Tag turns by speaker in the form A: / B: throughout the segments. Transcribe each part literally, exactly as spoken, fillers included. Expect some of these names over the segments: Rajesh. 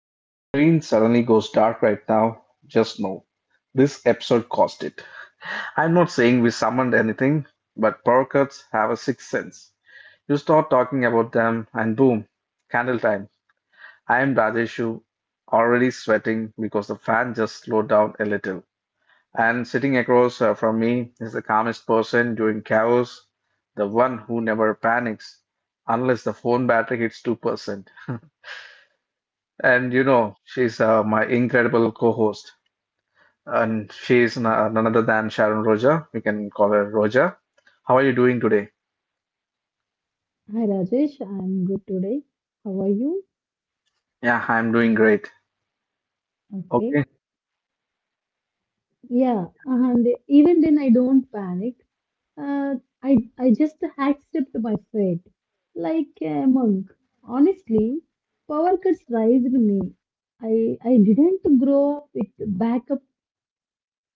A: If your screen suddenly goes dark right now, just know this episode caused it. I'm not saying we summoned anything, but power cuts have a sixth sense. You start talking about them and boom, candle time. I am Rajeshu, already sweating because the fan just slowed down a little. And sitting across uh, from me is the calmest person during chaos, the one who never panics unless the phone battery hits two percent. And you know, she's uh, my incredible co-host, and she's n- uh, none other than Sharon Roja. We can call her Roja. How are you doing today?
B: Hi Rajesh, I'm good today. How are you?
A: Yeah, I'm doing great.
B: Okay.
A: Okay,
B: Yeah, and even then I don't panic. Uh, I I just accept my fate, like a monk. Honestly, power cuts raised me. I I didn't grow up with backup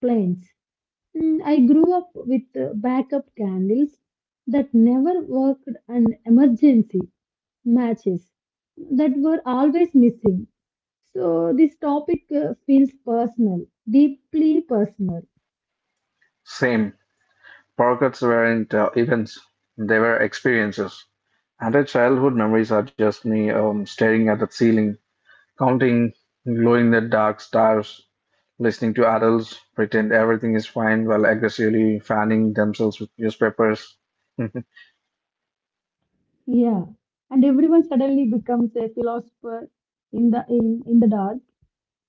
B: plans. Mm, I grew up with uh, backup candles that never worked and emergency matches that were always missing. So this topic uh, feels personal, deeply personal.
A: same. Power cuts weren't uh, events; they were experiences. And her childhood memories are just me um, staring at the ceiling, counting, glowing the dark stars, listening to adults pretend everything is fine while aggressively fanning themselves with newspapers.
B: Yeah, and everyone suddenly becomes a philosopher in the in, in the dark.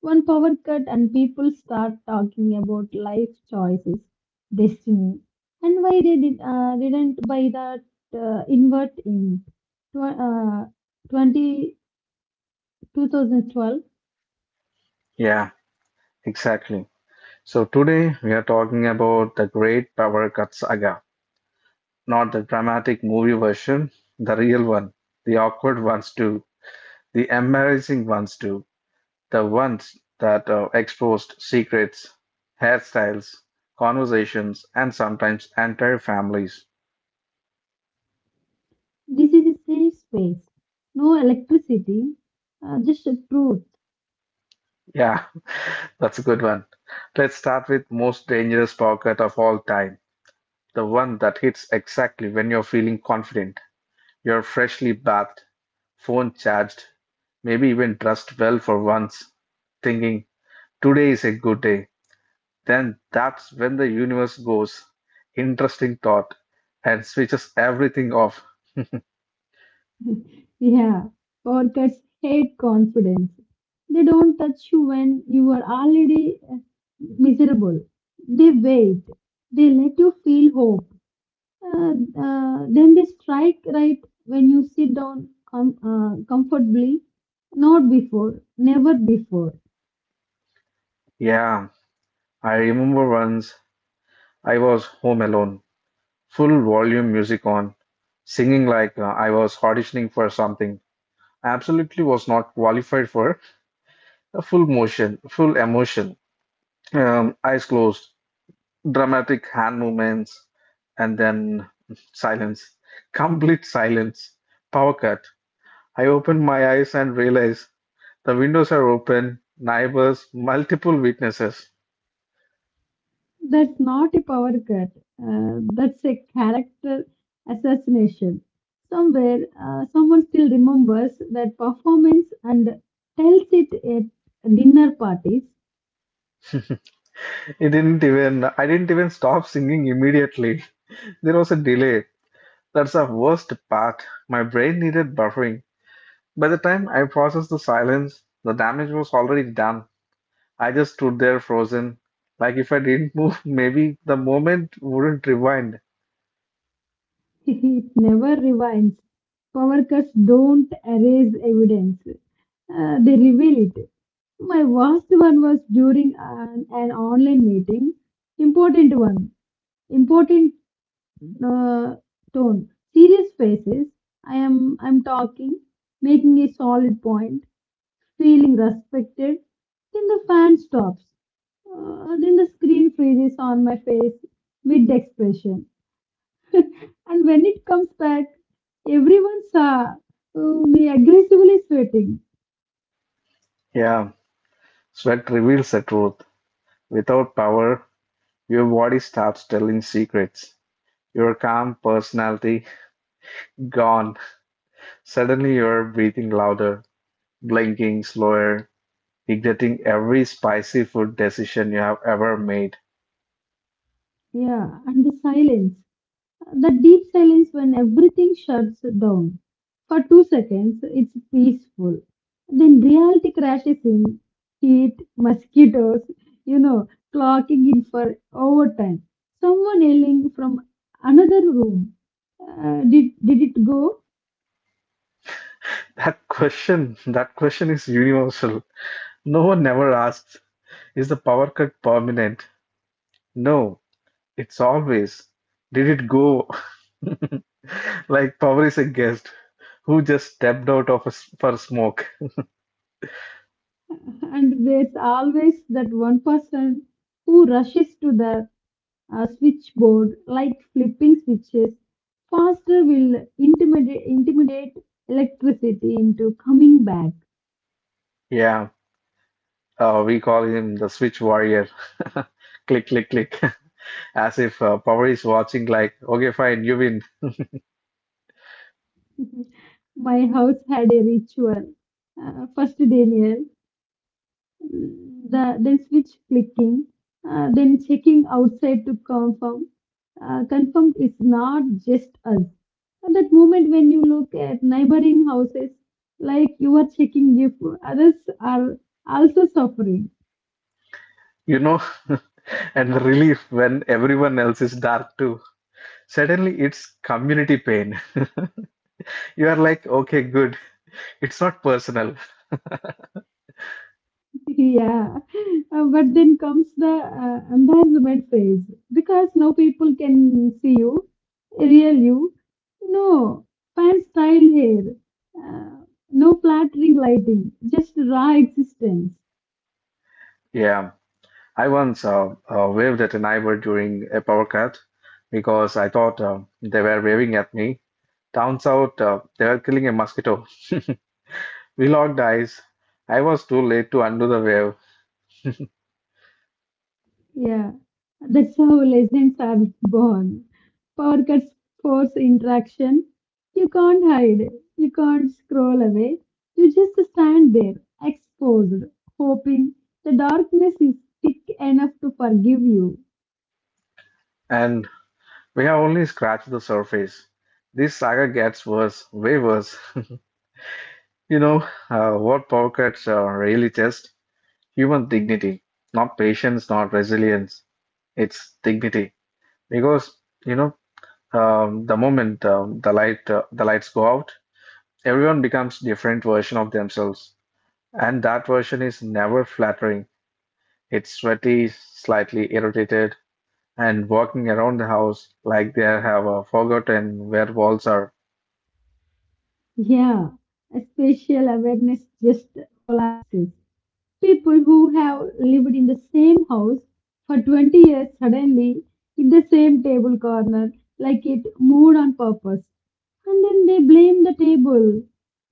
B: One power cut and people start talking about life choices, destiny, and why they did, uh, didn't buy that uh, invert in tw- uh, twenty, two thousand twelve.
A: Yeah, exactly. So, today we are talking about the Great Power Cut Saga, not the dramatic movie version, the real one, the awkward ones too, the embarrassing ones too, the ones that uh, exposed secrets, hairstyles, conversations, and sometimes entire families.
B: This is a safe space, no electricity, uh, just truth.
A: Yeah, that's a good one. Let's start with most dangerous pocket of all time, the one that hits exactly when you're feeling confident. You're freshly bathed, phone charged, maybe even dressed well for once, thinking, today is a good day. Then that's when the universe goes, interesting thought, and switches everything off.
B: Yeah, orchids hate confidence. They don't touch you when you are already uh, miserable. They wait. They let you feel hope. Uh, uh, then they strike right when you sit down com- uh, comfortably. Not before, never before.
A: Yeah, I remember once I was home alone, full volume music on, singing like uh, I was auditioning for something. Absolutely was not qualified for a full motion, full emotion. Um, eyes closed, dramatic hand movements, and then silence, complete silence, power cut. I opened my eyes and realized the windows are open, neighbors, multiple witnesses.
B: That's not a power cut. Uh, that's a character assassination. Somewhere, uh, someone still remembers that performance and tells it at dinner parties.
A: It didn't even, I didn't even stop singing immediately. There was a delay. That's the worst part. My brain needed buffering. By the time I processed the silence, the damage was already done. I just stood there frozen. Like if I didn't move, maybe the moment wouldn't rewind.
B: It never rewinds. Power cuts don't erase evidence, uh, they reveal it. My worst one was during an, an online meeting. Important one. Important uh, tone. Serious faces. I am I'm talking, making a solid point, feeling respected. Then the fan stops. Uh, then the screen freezes on my face mid expression. And when it comes back, everyone saw uh, me aggressively sweating.
A: Yeah, sweat reveals the truth. Without power, your body starts telling secrets. Your calm personality gone. Suddenly, you're breathing louder, blinking slower, regretting every spicy food decision you have ever made.
B: Yeah, and the silence. That deep silence when everything shuts down. For two seconds, it's peaceful. Then reality crashes in heat, mosquitoes, you know, clocking in for overtime. Someone yelling from another room. Uh, did, did it go?
A: That question, that question is universal. No one ever asks, is the power cut permanent? No, it's always. Did it go? Like power is a guest who just stepped out of a, s- for smoke.
B: And there's always that one person who rushes to the a switchboard, like flipping switches, faster will intimidate, intimidate electricity into coming back.
A: Yeah. Uh, we call him the Switch Warrior. Click, click, click. As if uh, power is watching, like, okay, fine, you win.
B: My house had a ritual. Uh, first, Daniel, mm, the, then switch clicking, uh, then checking outside to confirm. Uh, confirmed it's not just us. That moment when you look at neighboring houses, like you are checking if others are also suffering.
A: You know? And the relief when everyone else is dark too. Suddenly it's community pain. You are like, okay, good. It's not personal.
B: Yeah. Uh, but then comes the uh, embarrassment phase because no people can see you, real you, no fan style hair, uh, no flattering lighting, just raw existence.
A: Yeah. I once uh, uh, waved at a neighbor during a power cut because I thought uh, they were waving at me. Turns out uh, they were killing a mosquito. We locked eyes. I was too late to undo the wave.
B: Yeah, that's how legends are born. Power cuts force interaction. You can't hide. You can't scroll away. You just stand there, exposed, hoping the darkness is thick enough to forgive you.
A: And we have only scratched the surface. This saga gets worse, way worse. You know, uh, what power cuts are really just human dignity, not patience, not resilience. It's dignity. Because, you know, um, the moment um, the light uh, the lights go out, everyone becomes different version of themselves. And that version is never flattering. It's sweaty, slightly irritated, and walking around the house like they have uh, forgotten where walls are.
B: Yeah, a spatial awareness just collapses. People who have lived in the same house for twenty years suddenly in the same table corner, like it moved on purpose. And then they blame the table,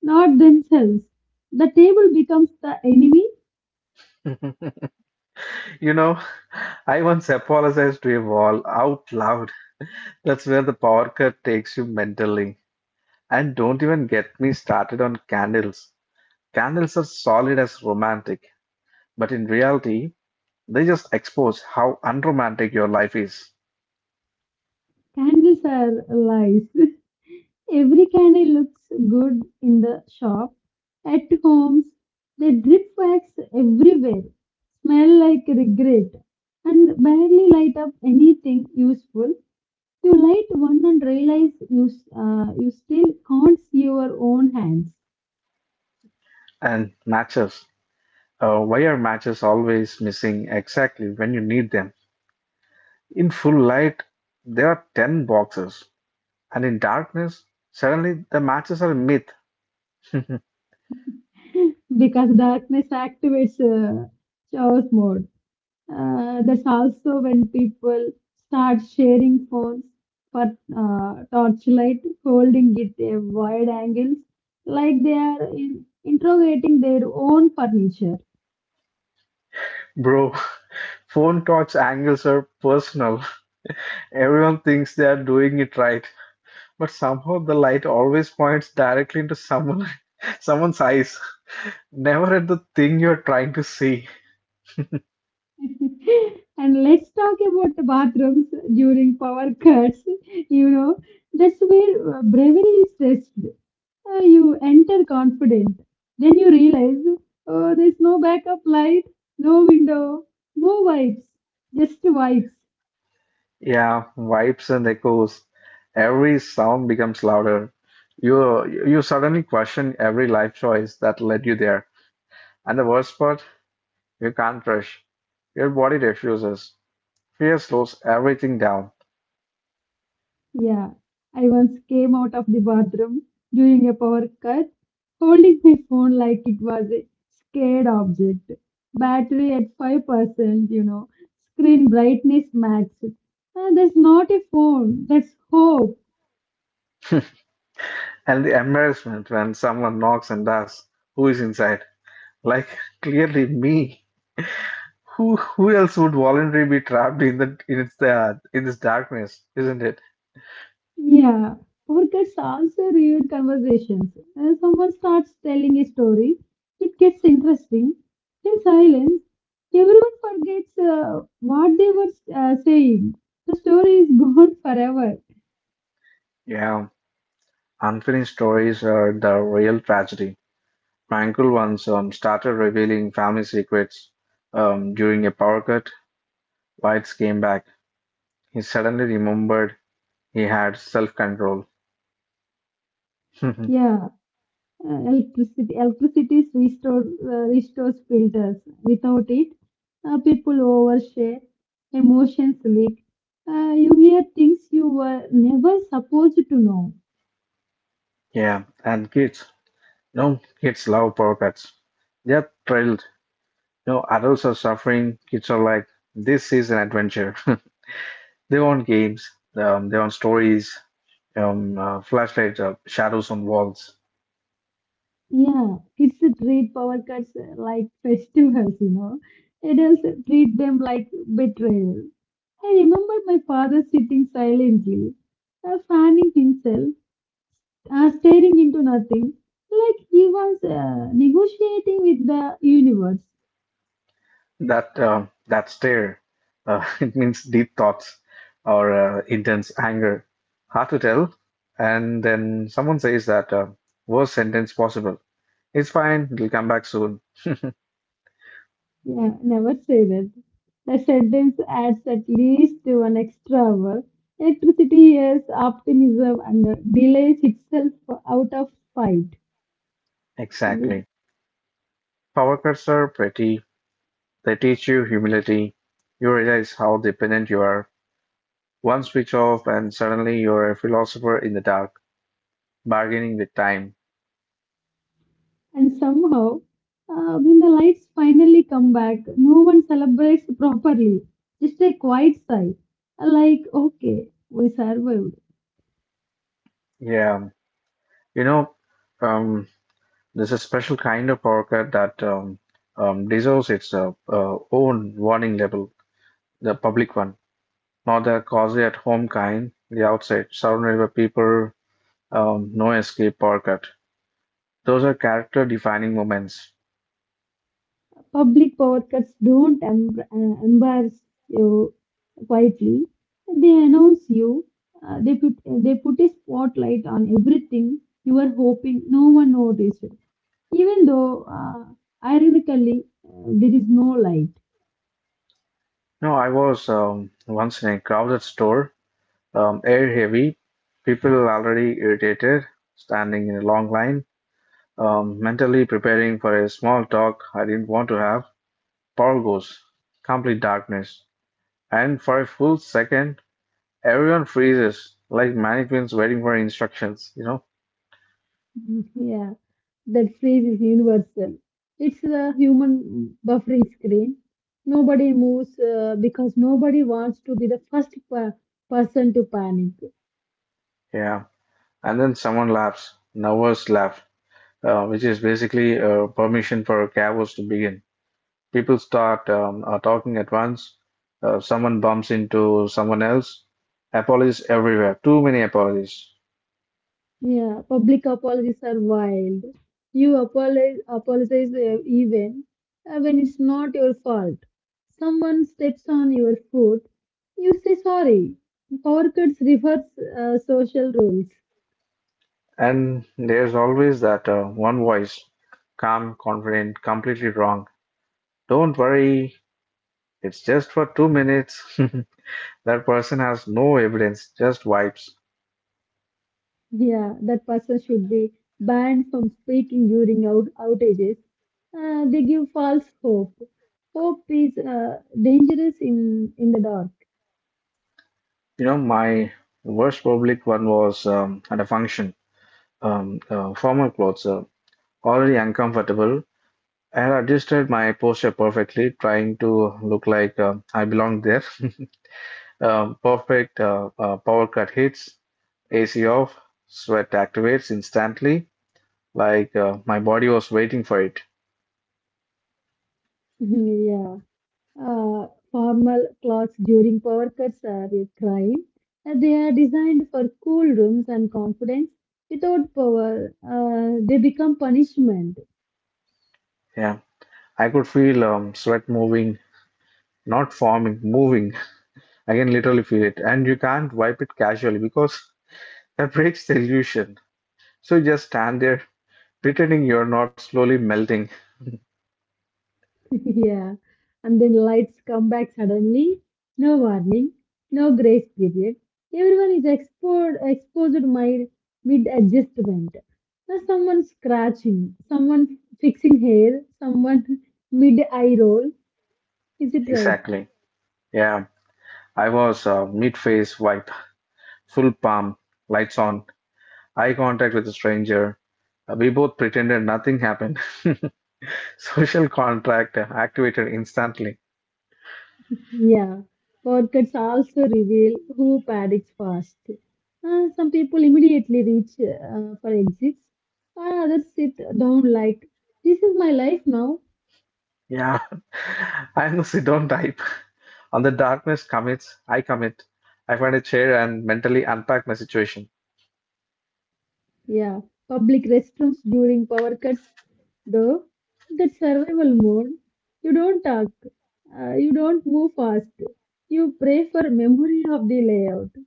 B: not themselves. The table becomes the enemy.
A: You know, I once apologized to a wall out loud. That's where the power cut takes you mentally. And don't even get me started on candles. Candles are solid as romantic, but in reality, they just expose how unromantic your life is.
B: Candles are lies. Every candle looks good in the shop. At homes, they drip wax everywhere, smell like regret, and barely light up anything useful. You light one and realize you, s- uh, you still can't see your own hands.
A: And matches. Uh, why are matches always missing exactly when you need them? In full light, there are ten boxes, and in darkness, suddenly the matches are a myth.
B: Because darkness activates uh, chaos mode. Uh, that's also when people start sharing phones for uh, torchlight, holding it at wide angles, like they are in, interrogating their own furniture.
A: Bro, phone talks angles are personal. Everyone thinks they are doing it right, but somehow the light always points directly into someone someone's eyes, never at the thing you're trying to see.
B: And let's talk about the bathrooms during power cuts. You know, that's where uh, bravery is tested. Uh, you enter confident, then you realize, oh, there's no backup light, no window, no wipes, just wipes.
A: Yeah, vibes and echoes. Every sound becomes louder. You you suddenly question every life choice that led you there. And the worst part, you can't rush. Your body refuses. Fear slows everything down.
B: Yeah, I once came out of the bathroom during a power cut, holding my phone like it was a scared object. Battery at five percent, you know, screen brightness max. And that's not a phone, that's hope.
A: And the embarrassment when someone knocks and asks who is inside. Like clearly me. Who who else would voluntarily be trapped in the in its uh, in this darkness, isn't it?
B: Yeah, podcasts also reviewed conversations. When someone starts telling a story, it gets interesting. In silence, everyone forgets uh, what they were uh, saying. The story is gone forever.
A: Yeah, unfinished stories are the real tragedy. My uncle once um, started revealing family secrets um, during a power cut. Whites came back. He suddenly remembered he had self-control.
B: Yeah, uh, electricity, electricity is restored, uh, restores filters. Without it, uh, people overshare, emotions leak. Uh, you hear things you were never supposed to know.
A: Yeah, and kids. No, kids love power cuts. They're thrilled. No, adults are suffering. Kids are like, this is an adventure. They want games. Um, they want stories. Um, uh, flashlights, uh, shadows on walls.
B: Yeah, it's a treat power cuts uh, like festivals, you know. It is uh, treat them like betrayal. I remember my father sitting silently, uh, fanning himself, uh, staring into nothing, like he was uh, negotiating with the universe.
A: That um, that stare. Uh, it means deep thoughts or uh, intense anger. Hard to tell. And then someone says that uh, worst sentence possible. It's fine. It'll come back soon.
B: Yeah, never say that. The sentence adds at least one extra hour. Electricity is optimism and uh, delays itself out of spite.
A: Exactly. Power cuts are pretty. They teach you humility. You realize how dependent you are. One switch off, and suddenly you're a philosopher in the dark, bargaining with time.
B: And somehow, uh, when the lights finally come back, no one celebrates properly. Just a quiet sigh. Uh, Like, okay, we survived.
A: Yeah, you know, um, there's a special kind of orca that um, um, deserves its uh, uh, own warning label, the public one, not the cozy at home kind, the outside, surrounded by people, um, no escape orca. Those are character defining moments.
B: Public power cuts don't em- uh, embarrass you quietly. They announce you. Uh, they put they put a spotlight on everything you were hoping no one noticed. Even though, uh, ironically, uh, there is no light.
A: No, I was um, once in a crowded store, um, air heavy, people already irritated, standing in a long line, um, mentally preparing for a small talk I didn't want to have. Torgoes complete darkness, and for a full second, everyone freezes like mannequins waiting for instructions, you know?
B: Mhm. Yeah. that freeze is universal. It's the human buffering screen. Nobody moves uh, because nobody wants to be the first per- person to panic.
A: Yeah. And then someone laughs, nervous laugh, uh, which is basically uh, permission for chaos to begin. People start um, uh, talking at once, uh, someone bumps into someone else, apologies everywhere, too many apologies.
B: Yeah, public apologies are wild. You apologize, apologize uh, even uh, when it's not your fault. Someone steps on your foot, you say sorry. Power cuts reverse uh, social rules.
A: And there's always that uh, one voice, calm, confident, completely wrong. Don't worry, it's just for two minutes. That person has no evidence, just vibes.
B: Yeah, that person should be banned from speaking during out- outages. Uh, they give false hope. Hope is uh, dangerous in, in the dark.
A: You know, my worst public one was um, at a function. Um, uh, formal clothes, uh, already uncomfortable. I had adjusted my posture perfectly, trying to look like uh, I belong there. um, perfect uh, uh, power cut hits, A C off, sweat activates instantly, like uh, my body was waiting for it.
B: Yeah. Uh, formal clocks during power cuts are a crime. Uh, they are designed for cool rooms and confidence. Without power, uh, they become punishment.
A: Yeah, I could feel um, sweat moving, not forming, moving. I can literally feel it. And you can't wipe it casually because that breaks the illusion. So you just stand there pretending you're not slowly melting.
B: Yeah. And then lights come back suddenly. No warning, no grace period. Everyone is exposed, exposed my mid adjustment. Now someone scratching, someone fixing hair, someone mid eye roll. Is it right?
A: Exactly. Yeah. I was uh, mid-face wipe, full palm, lights on, eye contact with a stranger. Uh, We both pretended nothing happened. Social contract activated instantly.
B: Yeah. Podcasts also reveal who paddocks fast. Uh, some people immediately reach uh, for exits, while others sit down like, this is my life now.
A: Yeah. I'm the sit-down type. On the darkness commits, I commit. I find a chair and mentally unpack my situation.
B: Yeah, public restrooms during power cuts, though, that survival mode. You don't talk, uh, you don't move fast. You pray for memory of the layout.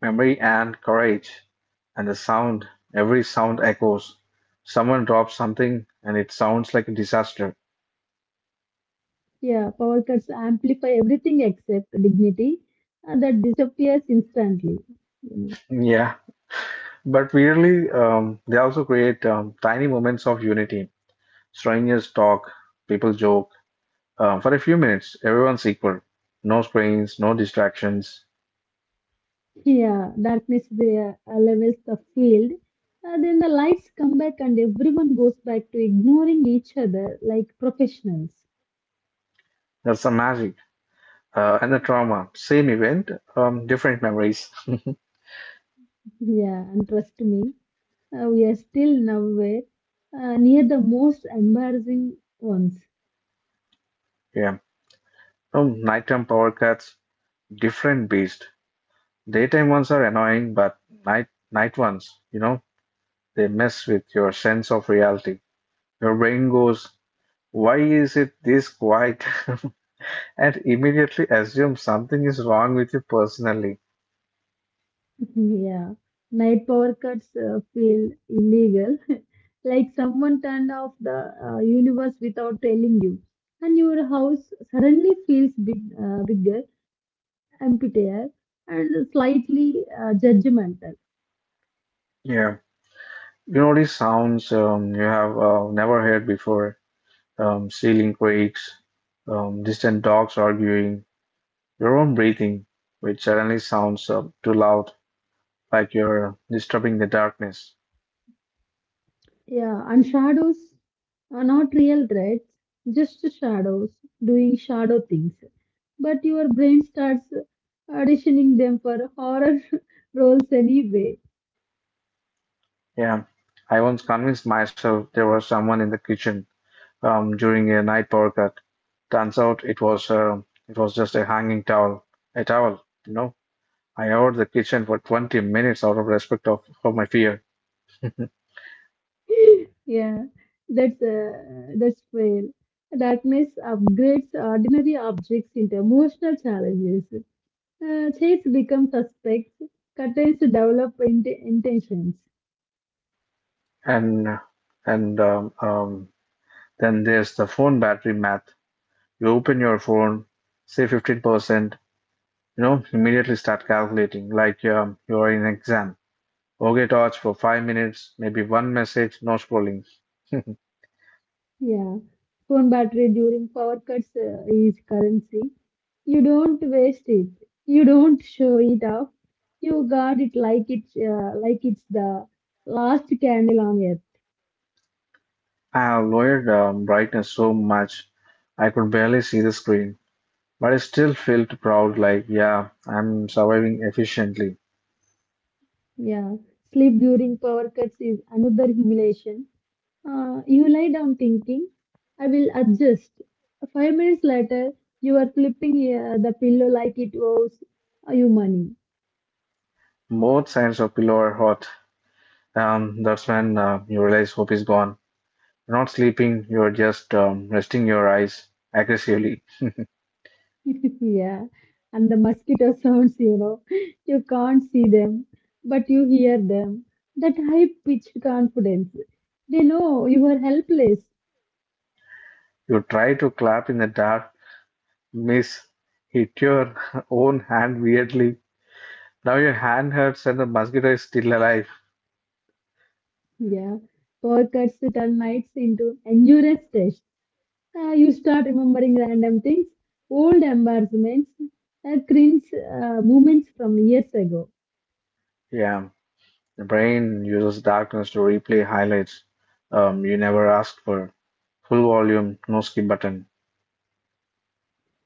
A: Memory and courage. And the sound, every sound echoes. Someone drops something and it sounds like a disaster.
B: Yeah, power cuts amplify everything except dignity uh, that disappears instantly. You know.
A: Yeah, but weirdly, um, they also create um, tiny moments of unity. Strangers talk, people joke. Uh, for a few minutes, everyone's equal. No screens, no distractions.
B: Yeah, darkness there uh, levels the field. Uh, then the lights come back and everyone goes back to ignoring each other like professionals.
A: That's the magic uh, and the trauma. Same event, um, different memories.
B: Yeah, and trust me. Uh, we are still nowhere uh, near the most embarrassing ones.
A: Yeah. Um, nighttime power cuts, different beast. Daytime ones are annoying, but night night ones, you know, they mess with your sense of reality. Your brain goes, "Why is it this quiet?" And immediately assumes something is wrong with you personally.
B: Yeah, night power cuts uh, feel illegal, like someone turned off the uh, universe without telling you, and your house suddenly feels big, uh, bigger, emptier, and slightly uh, judgmental.
A: Yeah, you notice sounds um, you have uh, never heard before, um, ceiling creaks, um, distant dogs arguing, your own breathing, which suddenly sounds uh, too loud, like you're disturbing the darkness.
B: Yeah, and shadows are not real threats, just shadows doing shadow things. But your brain starts auditioning them for horror roles anyway.
A: Yeah, I once convinced myself there was someone in the kitchen um, during a night power cut. Turns out it was uh, it was just a hanging towel, a towel. You know, I hovered the kitchen for twenty minutes out of respect of for my fear.
B: Yeah, that's uh, that's fair. Darkness upgrades ordinary objects into emotional challenges. Uh, shades become suspects. Curtains develop int- intentions.
A: And and um, um, then there's the phone battery math. You open your phone, say fifteen percent. You know, immediately start calculating like um, you are in exam. Okay, torch for five minutes, maybe one message, no scrolling.
B: Yeah, phone battery during power cuts uh, is currency. You don't waste it. You don't show it off. You guard it like it's uh, like it's the last candle on earth.
A: I have lowered um, brightness so much I could barely see the screen, but I still felt proud like, yeah, I'm surviving efficiently.
B: Yeah. Sleep during power cuts is another humiliation. Uh, you lie down thinking, I will adjust. Five minutes later, you are flipping uh, the pillow like it owes uh, you money.
A: Both sides of pillow are hot. Um, that's when uh, you realize hope is gone. You're not sleeping, you're just um, resting your eyes aggressively.
B: Yeah, and the mosquito sounds, you know, you can't see them, but you hear them. That high-pitched confidence. They know you are helpless.
A: You try to clap in the dark, miss, hit your own hand weirdly. Now your hand hurts and the mosquito is still alive.
B: Yeah, power cuts turn nights into endurance tests. Uh, you start remembering random things, old embarrassments, uh, cringe uh, moments from years ago.
A: Yeah, the brain uses darkness to replay highlights um, you never asked for. Full volume, no skip button.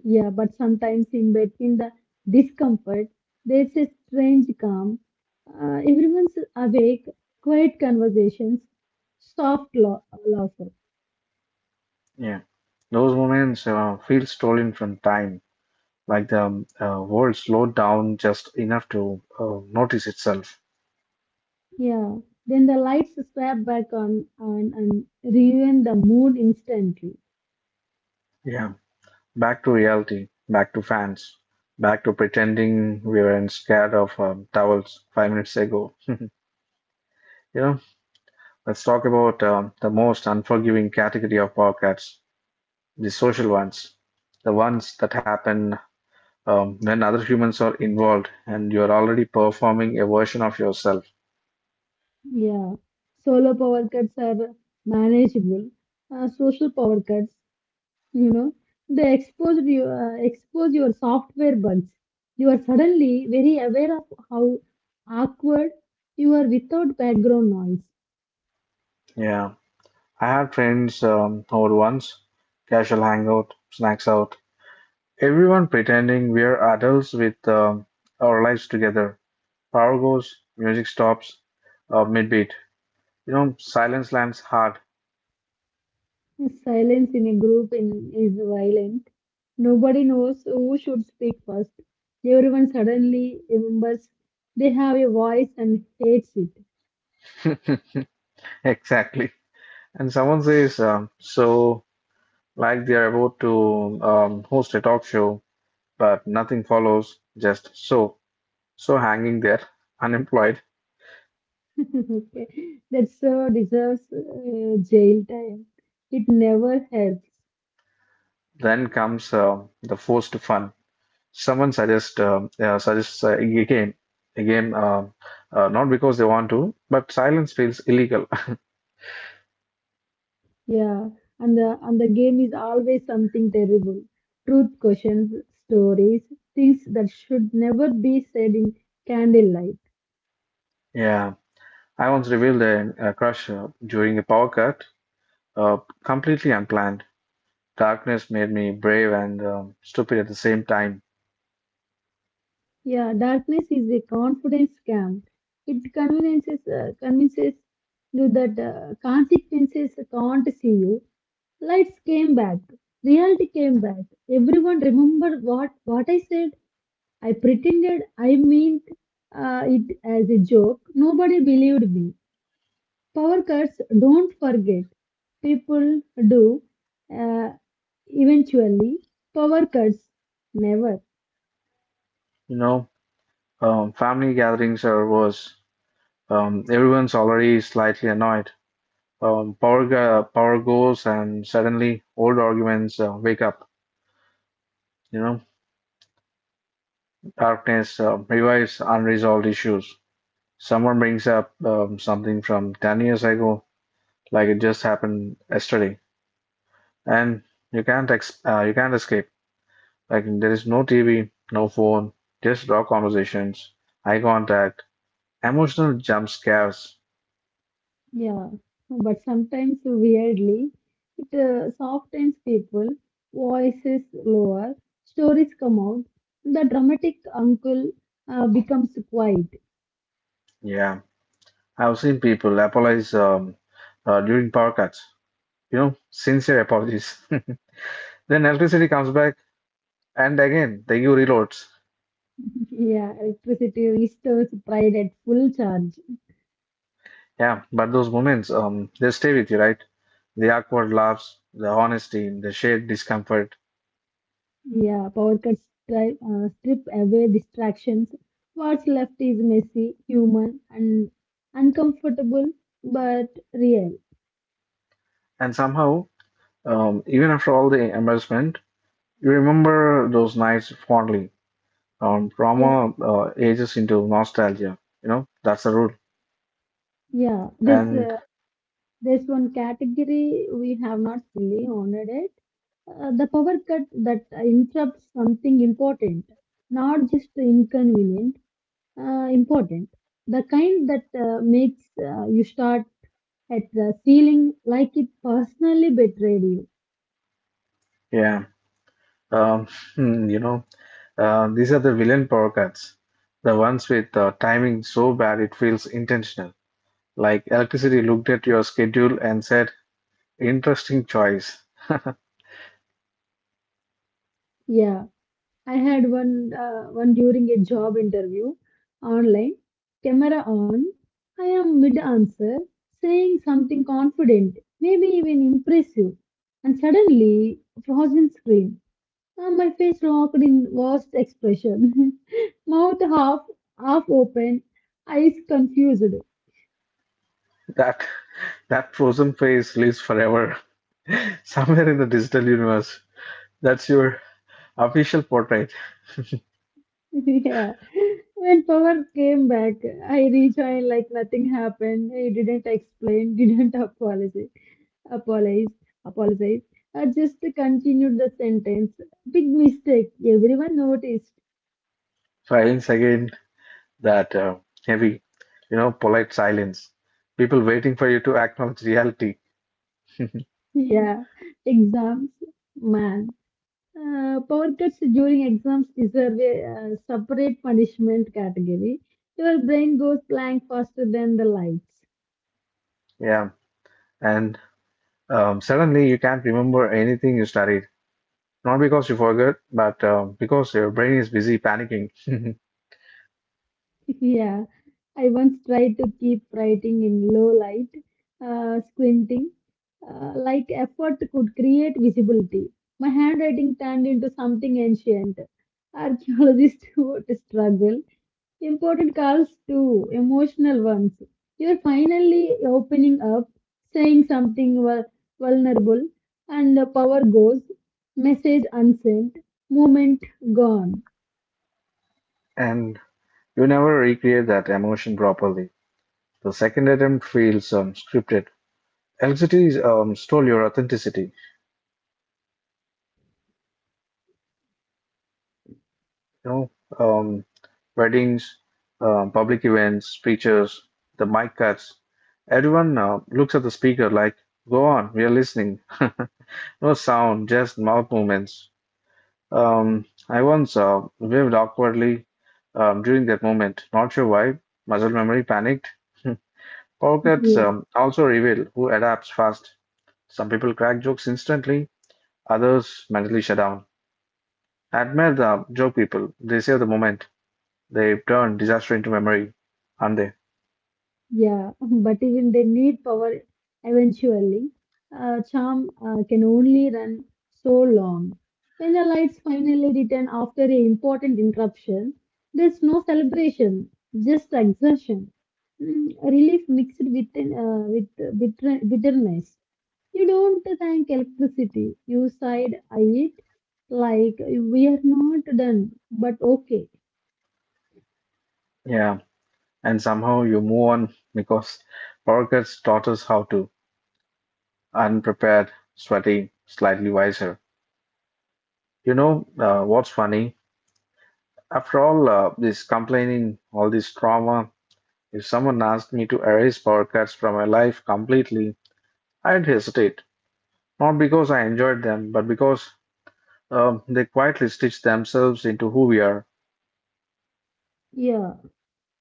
B: Yeah, but sometimes in between the discomfort, there's a strange calm. Uh, everyone's awake, quiet conversations, soft law- laughter.
A: Yeah, those moments uh, feel stolen from time, like the um, uh, world slowed down just enough to uh, notice itself.
B: Yeah. Then the lights snap back on, on and ruin the mood instantly.
A: Yeah, back to reality, back to fans, back to pretending we weren't scared of um, towels five minutes ago. You know, let's talk about um, the most unforgiving category of podcasts, the social ones, the ones that happen um, when other humans are involved and you're already performing a version of yourself.
B: Yeah. Solo power cuts are manageable. Uh, social power cuts, you know, they expose you, uh, expose your software bugs. You are suddenly very aware of how awkward You are without background noise.
A: Yeah, I have friends um, who once casual hangout, snacks out, everyone pretending we're adults with um, our lives together. Power goes, music stops, uh, midbeat. You know, silence lands hard.
B: Silence in a group in, is violent. Nobody knows who should speak first. Everyone suddenly remembers they have a voice and hates it.
A: Exactly. And someone says, um, so, like they're about to um, host a talk show, but nothing follows, just so. So hanging there, unemployed,
B: okay. That so deserves uh, jail time. It never helps.
A: then comes um the forced fun. Someone suggests um uh, suggests uh, a game, a game um uh, not because they want to, but silence feels illegal.
B: Yeah. And the, and the game is always something terrible. Truth questions, stories, things that should never be said in candlelight.
A: Yeah, I once revealed a, a crush uh, during a power cut, uh, completely unplanned. Darkness made me brave and um, stupid at the same time.
B: Yeah, darkness is a confidence scam. It convinces uh, convinces you that uh, consequences can't see you. Lights came back. Reality came back. Everyone remember what what I said. I pretended I meant it as a joke. Nobody believed me. Power cuts don't forget. People do. Uh, eventually, power cuts never.
A: You know, um, Family gatherings are worse. Um, everyone's already slightly annoyed. Um, power go- power goes, and suddenly old arguments uh, wake up. You know, darkness uh, revives unresolved issues. Someone brings up um, something from ten years ago, like it just happened yesterday, and you can't ex- uh, you can't escape. Like there is no T V, no phone, just raw conversations, eye contact, emotional jump scares.
B: Yeah, but sometimes weirdly, it uh, softens people, voices lower, stories come out, the dramatic uncle uh, becomes quiet.
A: Yeah, I've seen people apologize um, uh, during power cuts. You know, sincere apologies. Then electricity comes back, and again the E U reloads.
B: Yeah, electricity restores pride at full charge.
A: Yeah, but those moments, um, they stay with you, right? The awkward laughs, the honesty, the shared discomfort,
B: Yeah, power cuts stri- uh, strip away distractions. What's left is messy, human, and uncomfortable but real.
A: and somehow, um, even after all the embarrassment, you remember those nights fondly. Um,
B: Yeah,
A: trauma uh, ages into nostalgia. You know that's the rule.
B: yeah. There's
A: And
B: uh, there's one category we have not fully honored. Uh, the power cut that interrupts something important, not just inconvenient, uh, important. The kind that uh, makes uh, you start at the ceiling like it personally betrayed you.
A: yeah, um, hmm, you know, uh, These are the villain power cuts, the ones with uh, timing so bad it feels intentional. Like electricity looked at your schedule and said, "Interesting choice."
B: Yeah, I had one uh, one during a job interview online, camera on. I am mid answer, saying something confident, maybe even impressive, and suddenly frozen screen. Uh, my face locked in vast expression, mouth half half open, eyes confused.
A: That that frozen face lives forever somewhere in the digital universe. That's your official portrait.
B: yeah. When power came back, I rejoined like nothing happened. I didn't explain, didn't apologize, apologize, apologize. I just continued the sentence. Big mistake. Everyone noticed.
A: Silence again. That uh, heavy, you know, polite silence. People waiting for you to acknowledge reality.
B: Yeah. Exams, man. Uh, power cuts during exams deserve a uh, separate punishment category. Your brain goes blank faster than the lights.
A: Yeah, and um, suddenly you can't remember anything you studied. Not because you forgot, but um, because your brain is busy panicking,
B: yeah. I once tried to keep writing in low light, uh, squinting, uh, like effort could create visibility. My handwriting turned into something ancient. Archaeologists would struggle. Important calls too, emotional ones. You're finally opening up, saying something vul- vulnerable, and the power goes, message unsent, moment gone.
A: and you never recreate that emotion properly. The second attempt feels um, scripted. L C Ts um, stole your authenticity. You know, um, Weddings, um, public events, speeches, the mic cuts. Everyone uh, looks at the speaker like, "Go on, we are listening." No sound, just mouth movements. Um, I once uh, waved awkwardly um, during that moment. Not sure why. Muscle memory panicked. Power cuts
B: Yeah.
A: um, also reveal who adapts fast. Some people crack jokes instantly, others mentally shut down. I admire the joke people. They save the moment. They turn disaster into memory, aren't they?
B: Yeah, but even they need power eventually. Uh, charm uh, can only run so long. When the lights finally return after an important interruption, there's no celebration, just exertion. Mm, relief mixed with an, uh, with uh, bitter, bitterness. You don't thank electricity. You side eye it like we are not done, but okay.
A: Yeah. And somehow you move on because power cuts taught us how to. Unprepared, sweaty, slightly wiser. You know uh, what's funny? After all uh, this complaining, all this trauma, if someone asked me to erase power cuts from my life completely, I'd hesitate. Not because I enjoyed them, but because um, they quietly stitch themselves into who we are.
B: Yeah.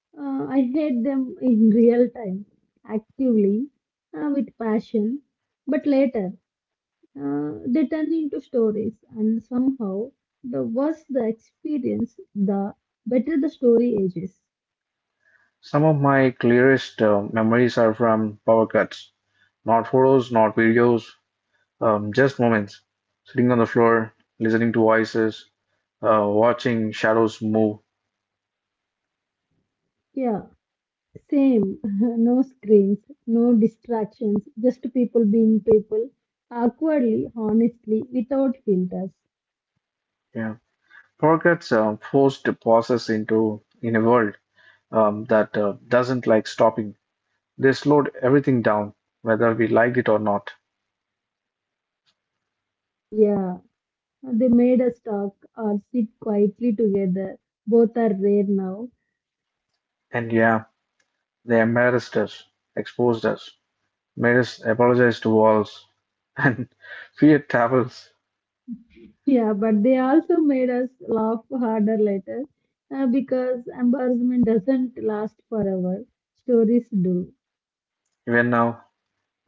B: Uh, I hate them in real time, actively, uh, with passion, but later uh, they turn into stories, and somehow, the worse the experience, the better the story ages.
A: Some of my clearest uh, memories are from power cuts. Not photos, not videos, um, just moments. Sitting on the floor, listening to voices, uh, watching shadows move.
B: Yeah, same. no screens, no distractions, just people being people, awkwardly, honestly, without filters.
A: Yeah. Power cuts uh, forced pauses into in a world um, that uh, doesn't like stopping. They slowed everything down, whether we liked it or not.
B: Yeah, they made us talk or sit quietly together. Both are rare now.
A: And yeah, they embarrassed us, exposed us, made us apologize to walls and fear travels.
B: Yeah, but they also made us laugh harder later uh, because embarrassment doesn't last forever. Stories do.
A: Even now,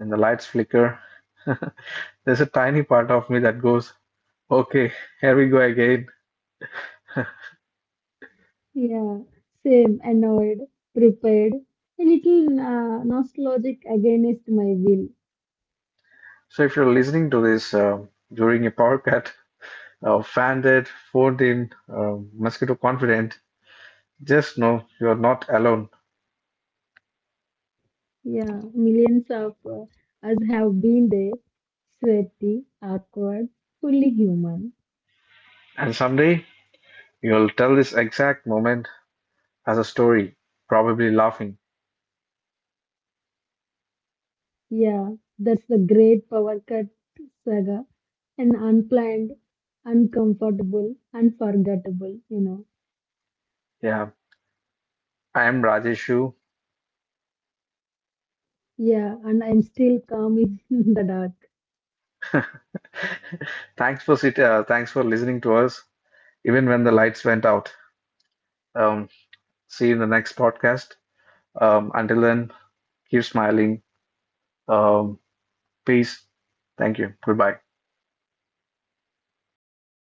A: and the lights flicker, there's a tiny part of me that goes, okay, here we go again.
B: Yeah, same, annoyed, prepared, a little uh, nostalgic against my will.
A: So if you're listening to this um during a power cut, uh, fanned it, phoned in, uh, mosquito confident, just know you're not alone.
B: Yeah, millions of uh, us have been there, sweaty, awkward, fully human.
A: And someday you'll tell this exact moment as a story, probably laughing.
B: Yeah, that's the great power cut saga, an unplanned, uncomfortable, unforgettable, you know.
A: Yeah, I am Rajeshu.
B: Yeah, and I'm still calm in the dark.
A: Thanks for sit- uh, thanks for listening to us, even when the lights went out. Um, See you in the next podcast. Um, until then, keep smiling. Um, Peace. Thank you. Goodbye.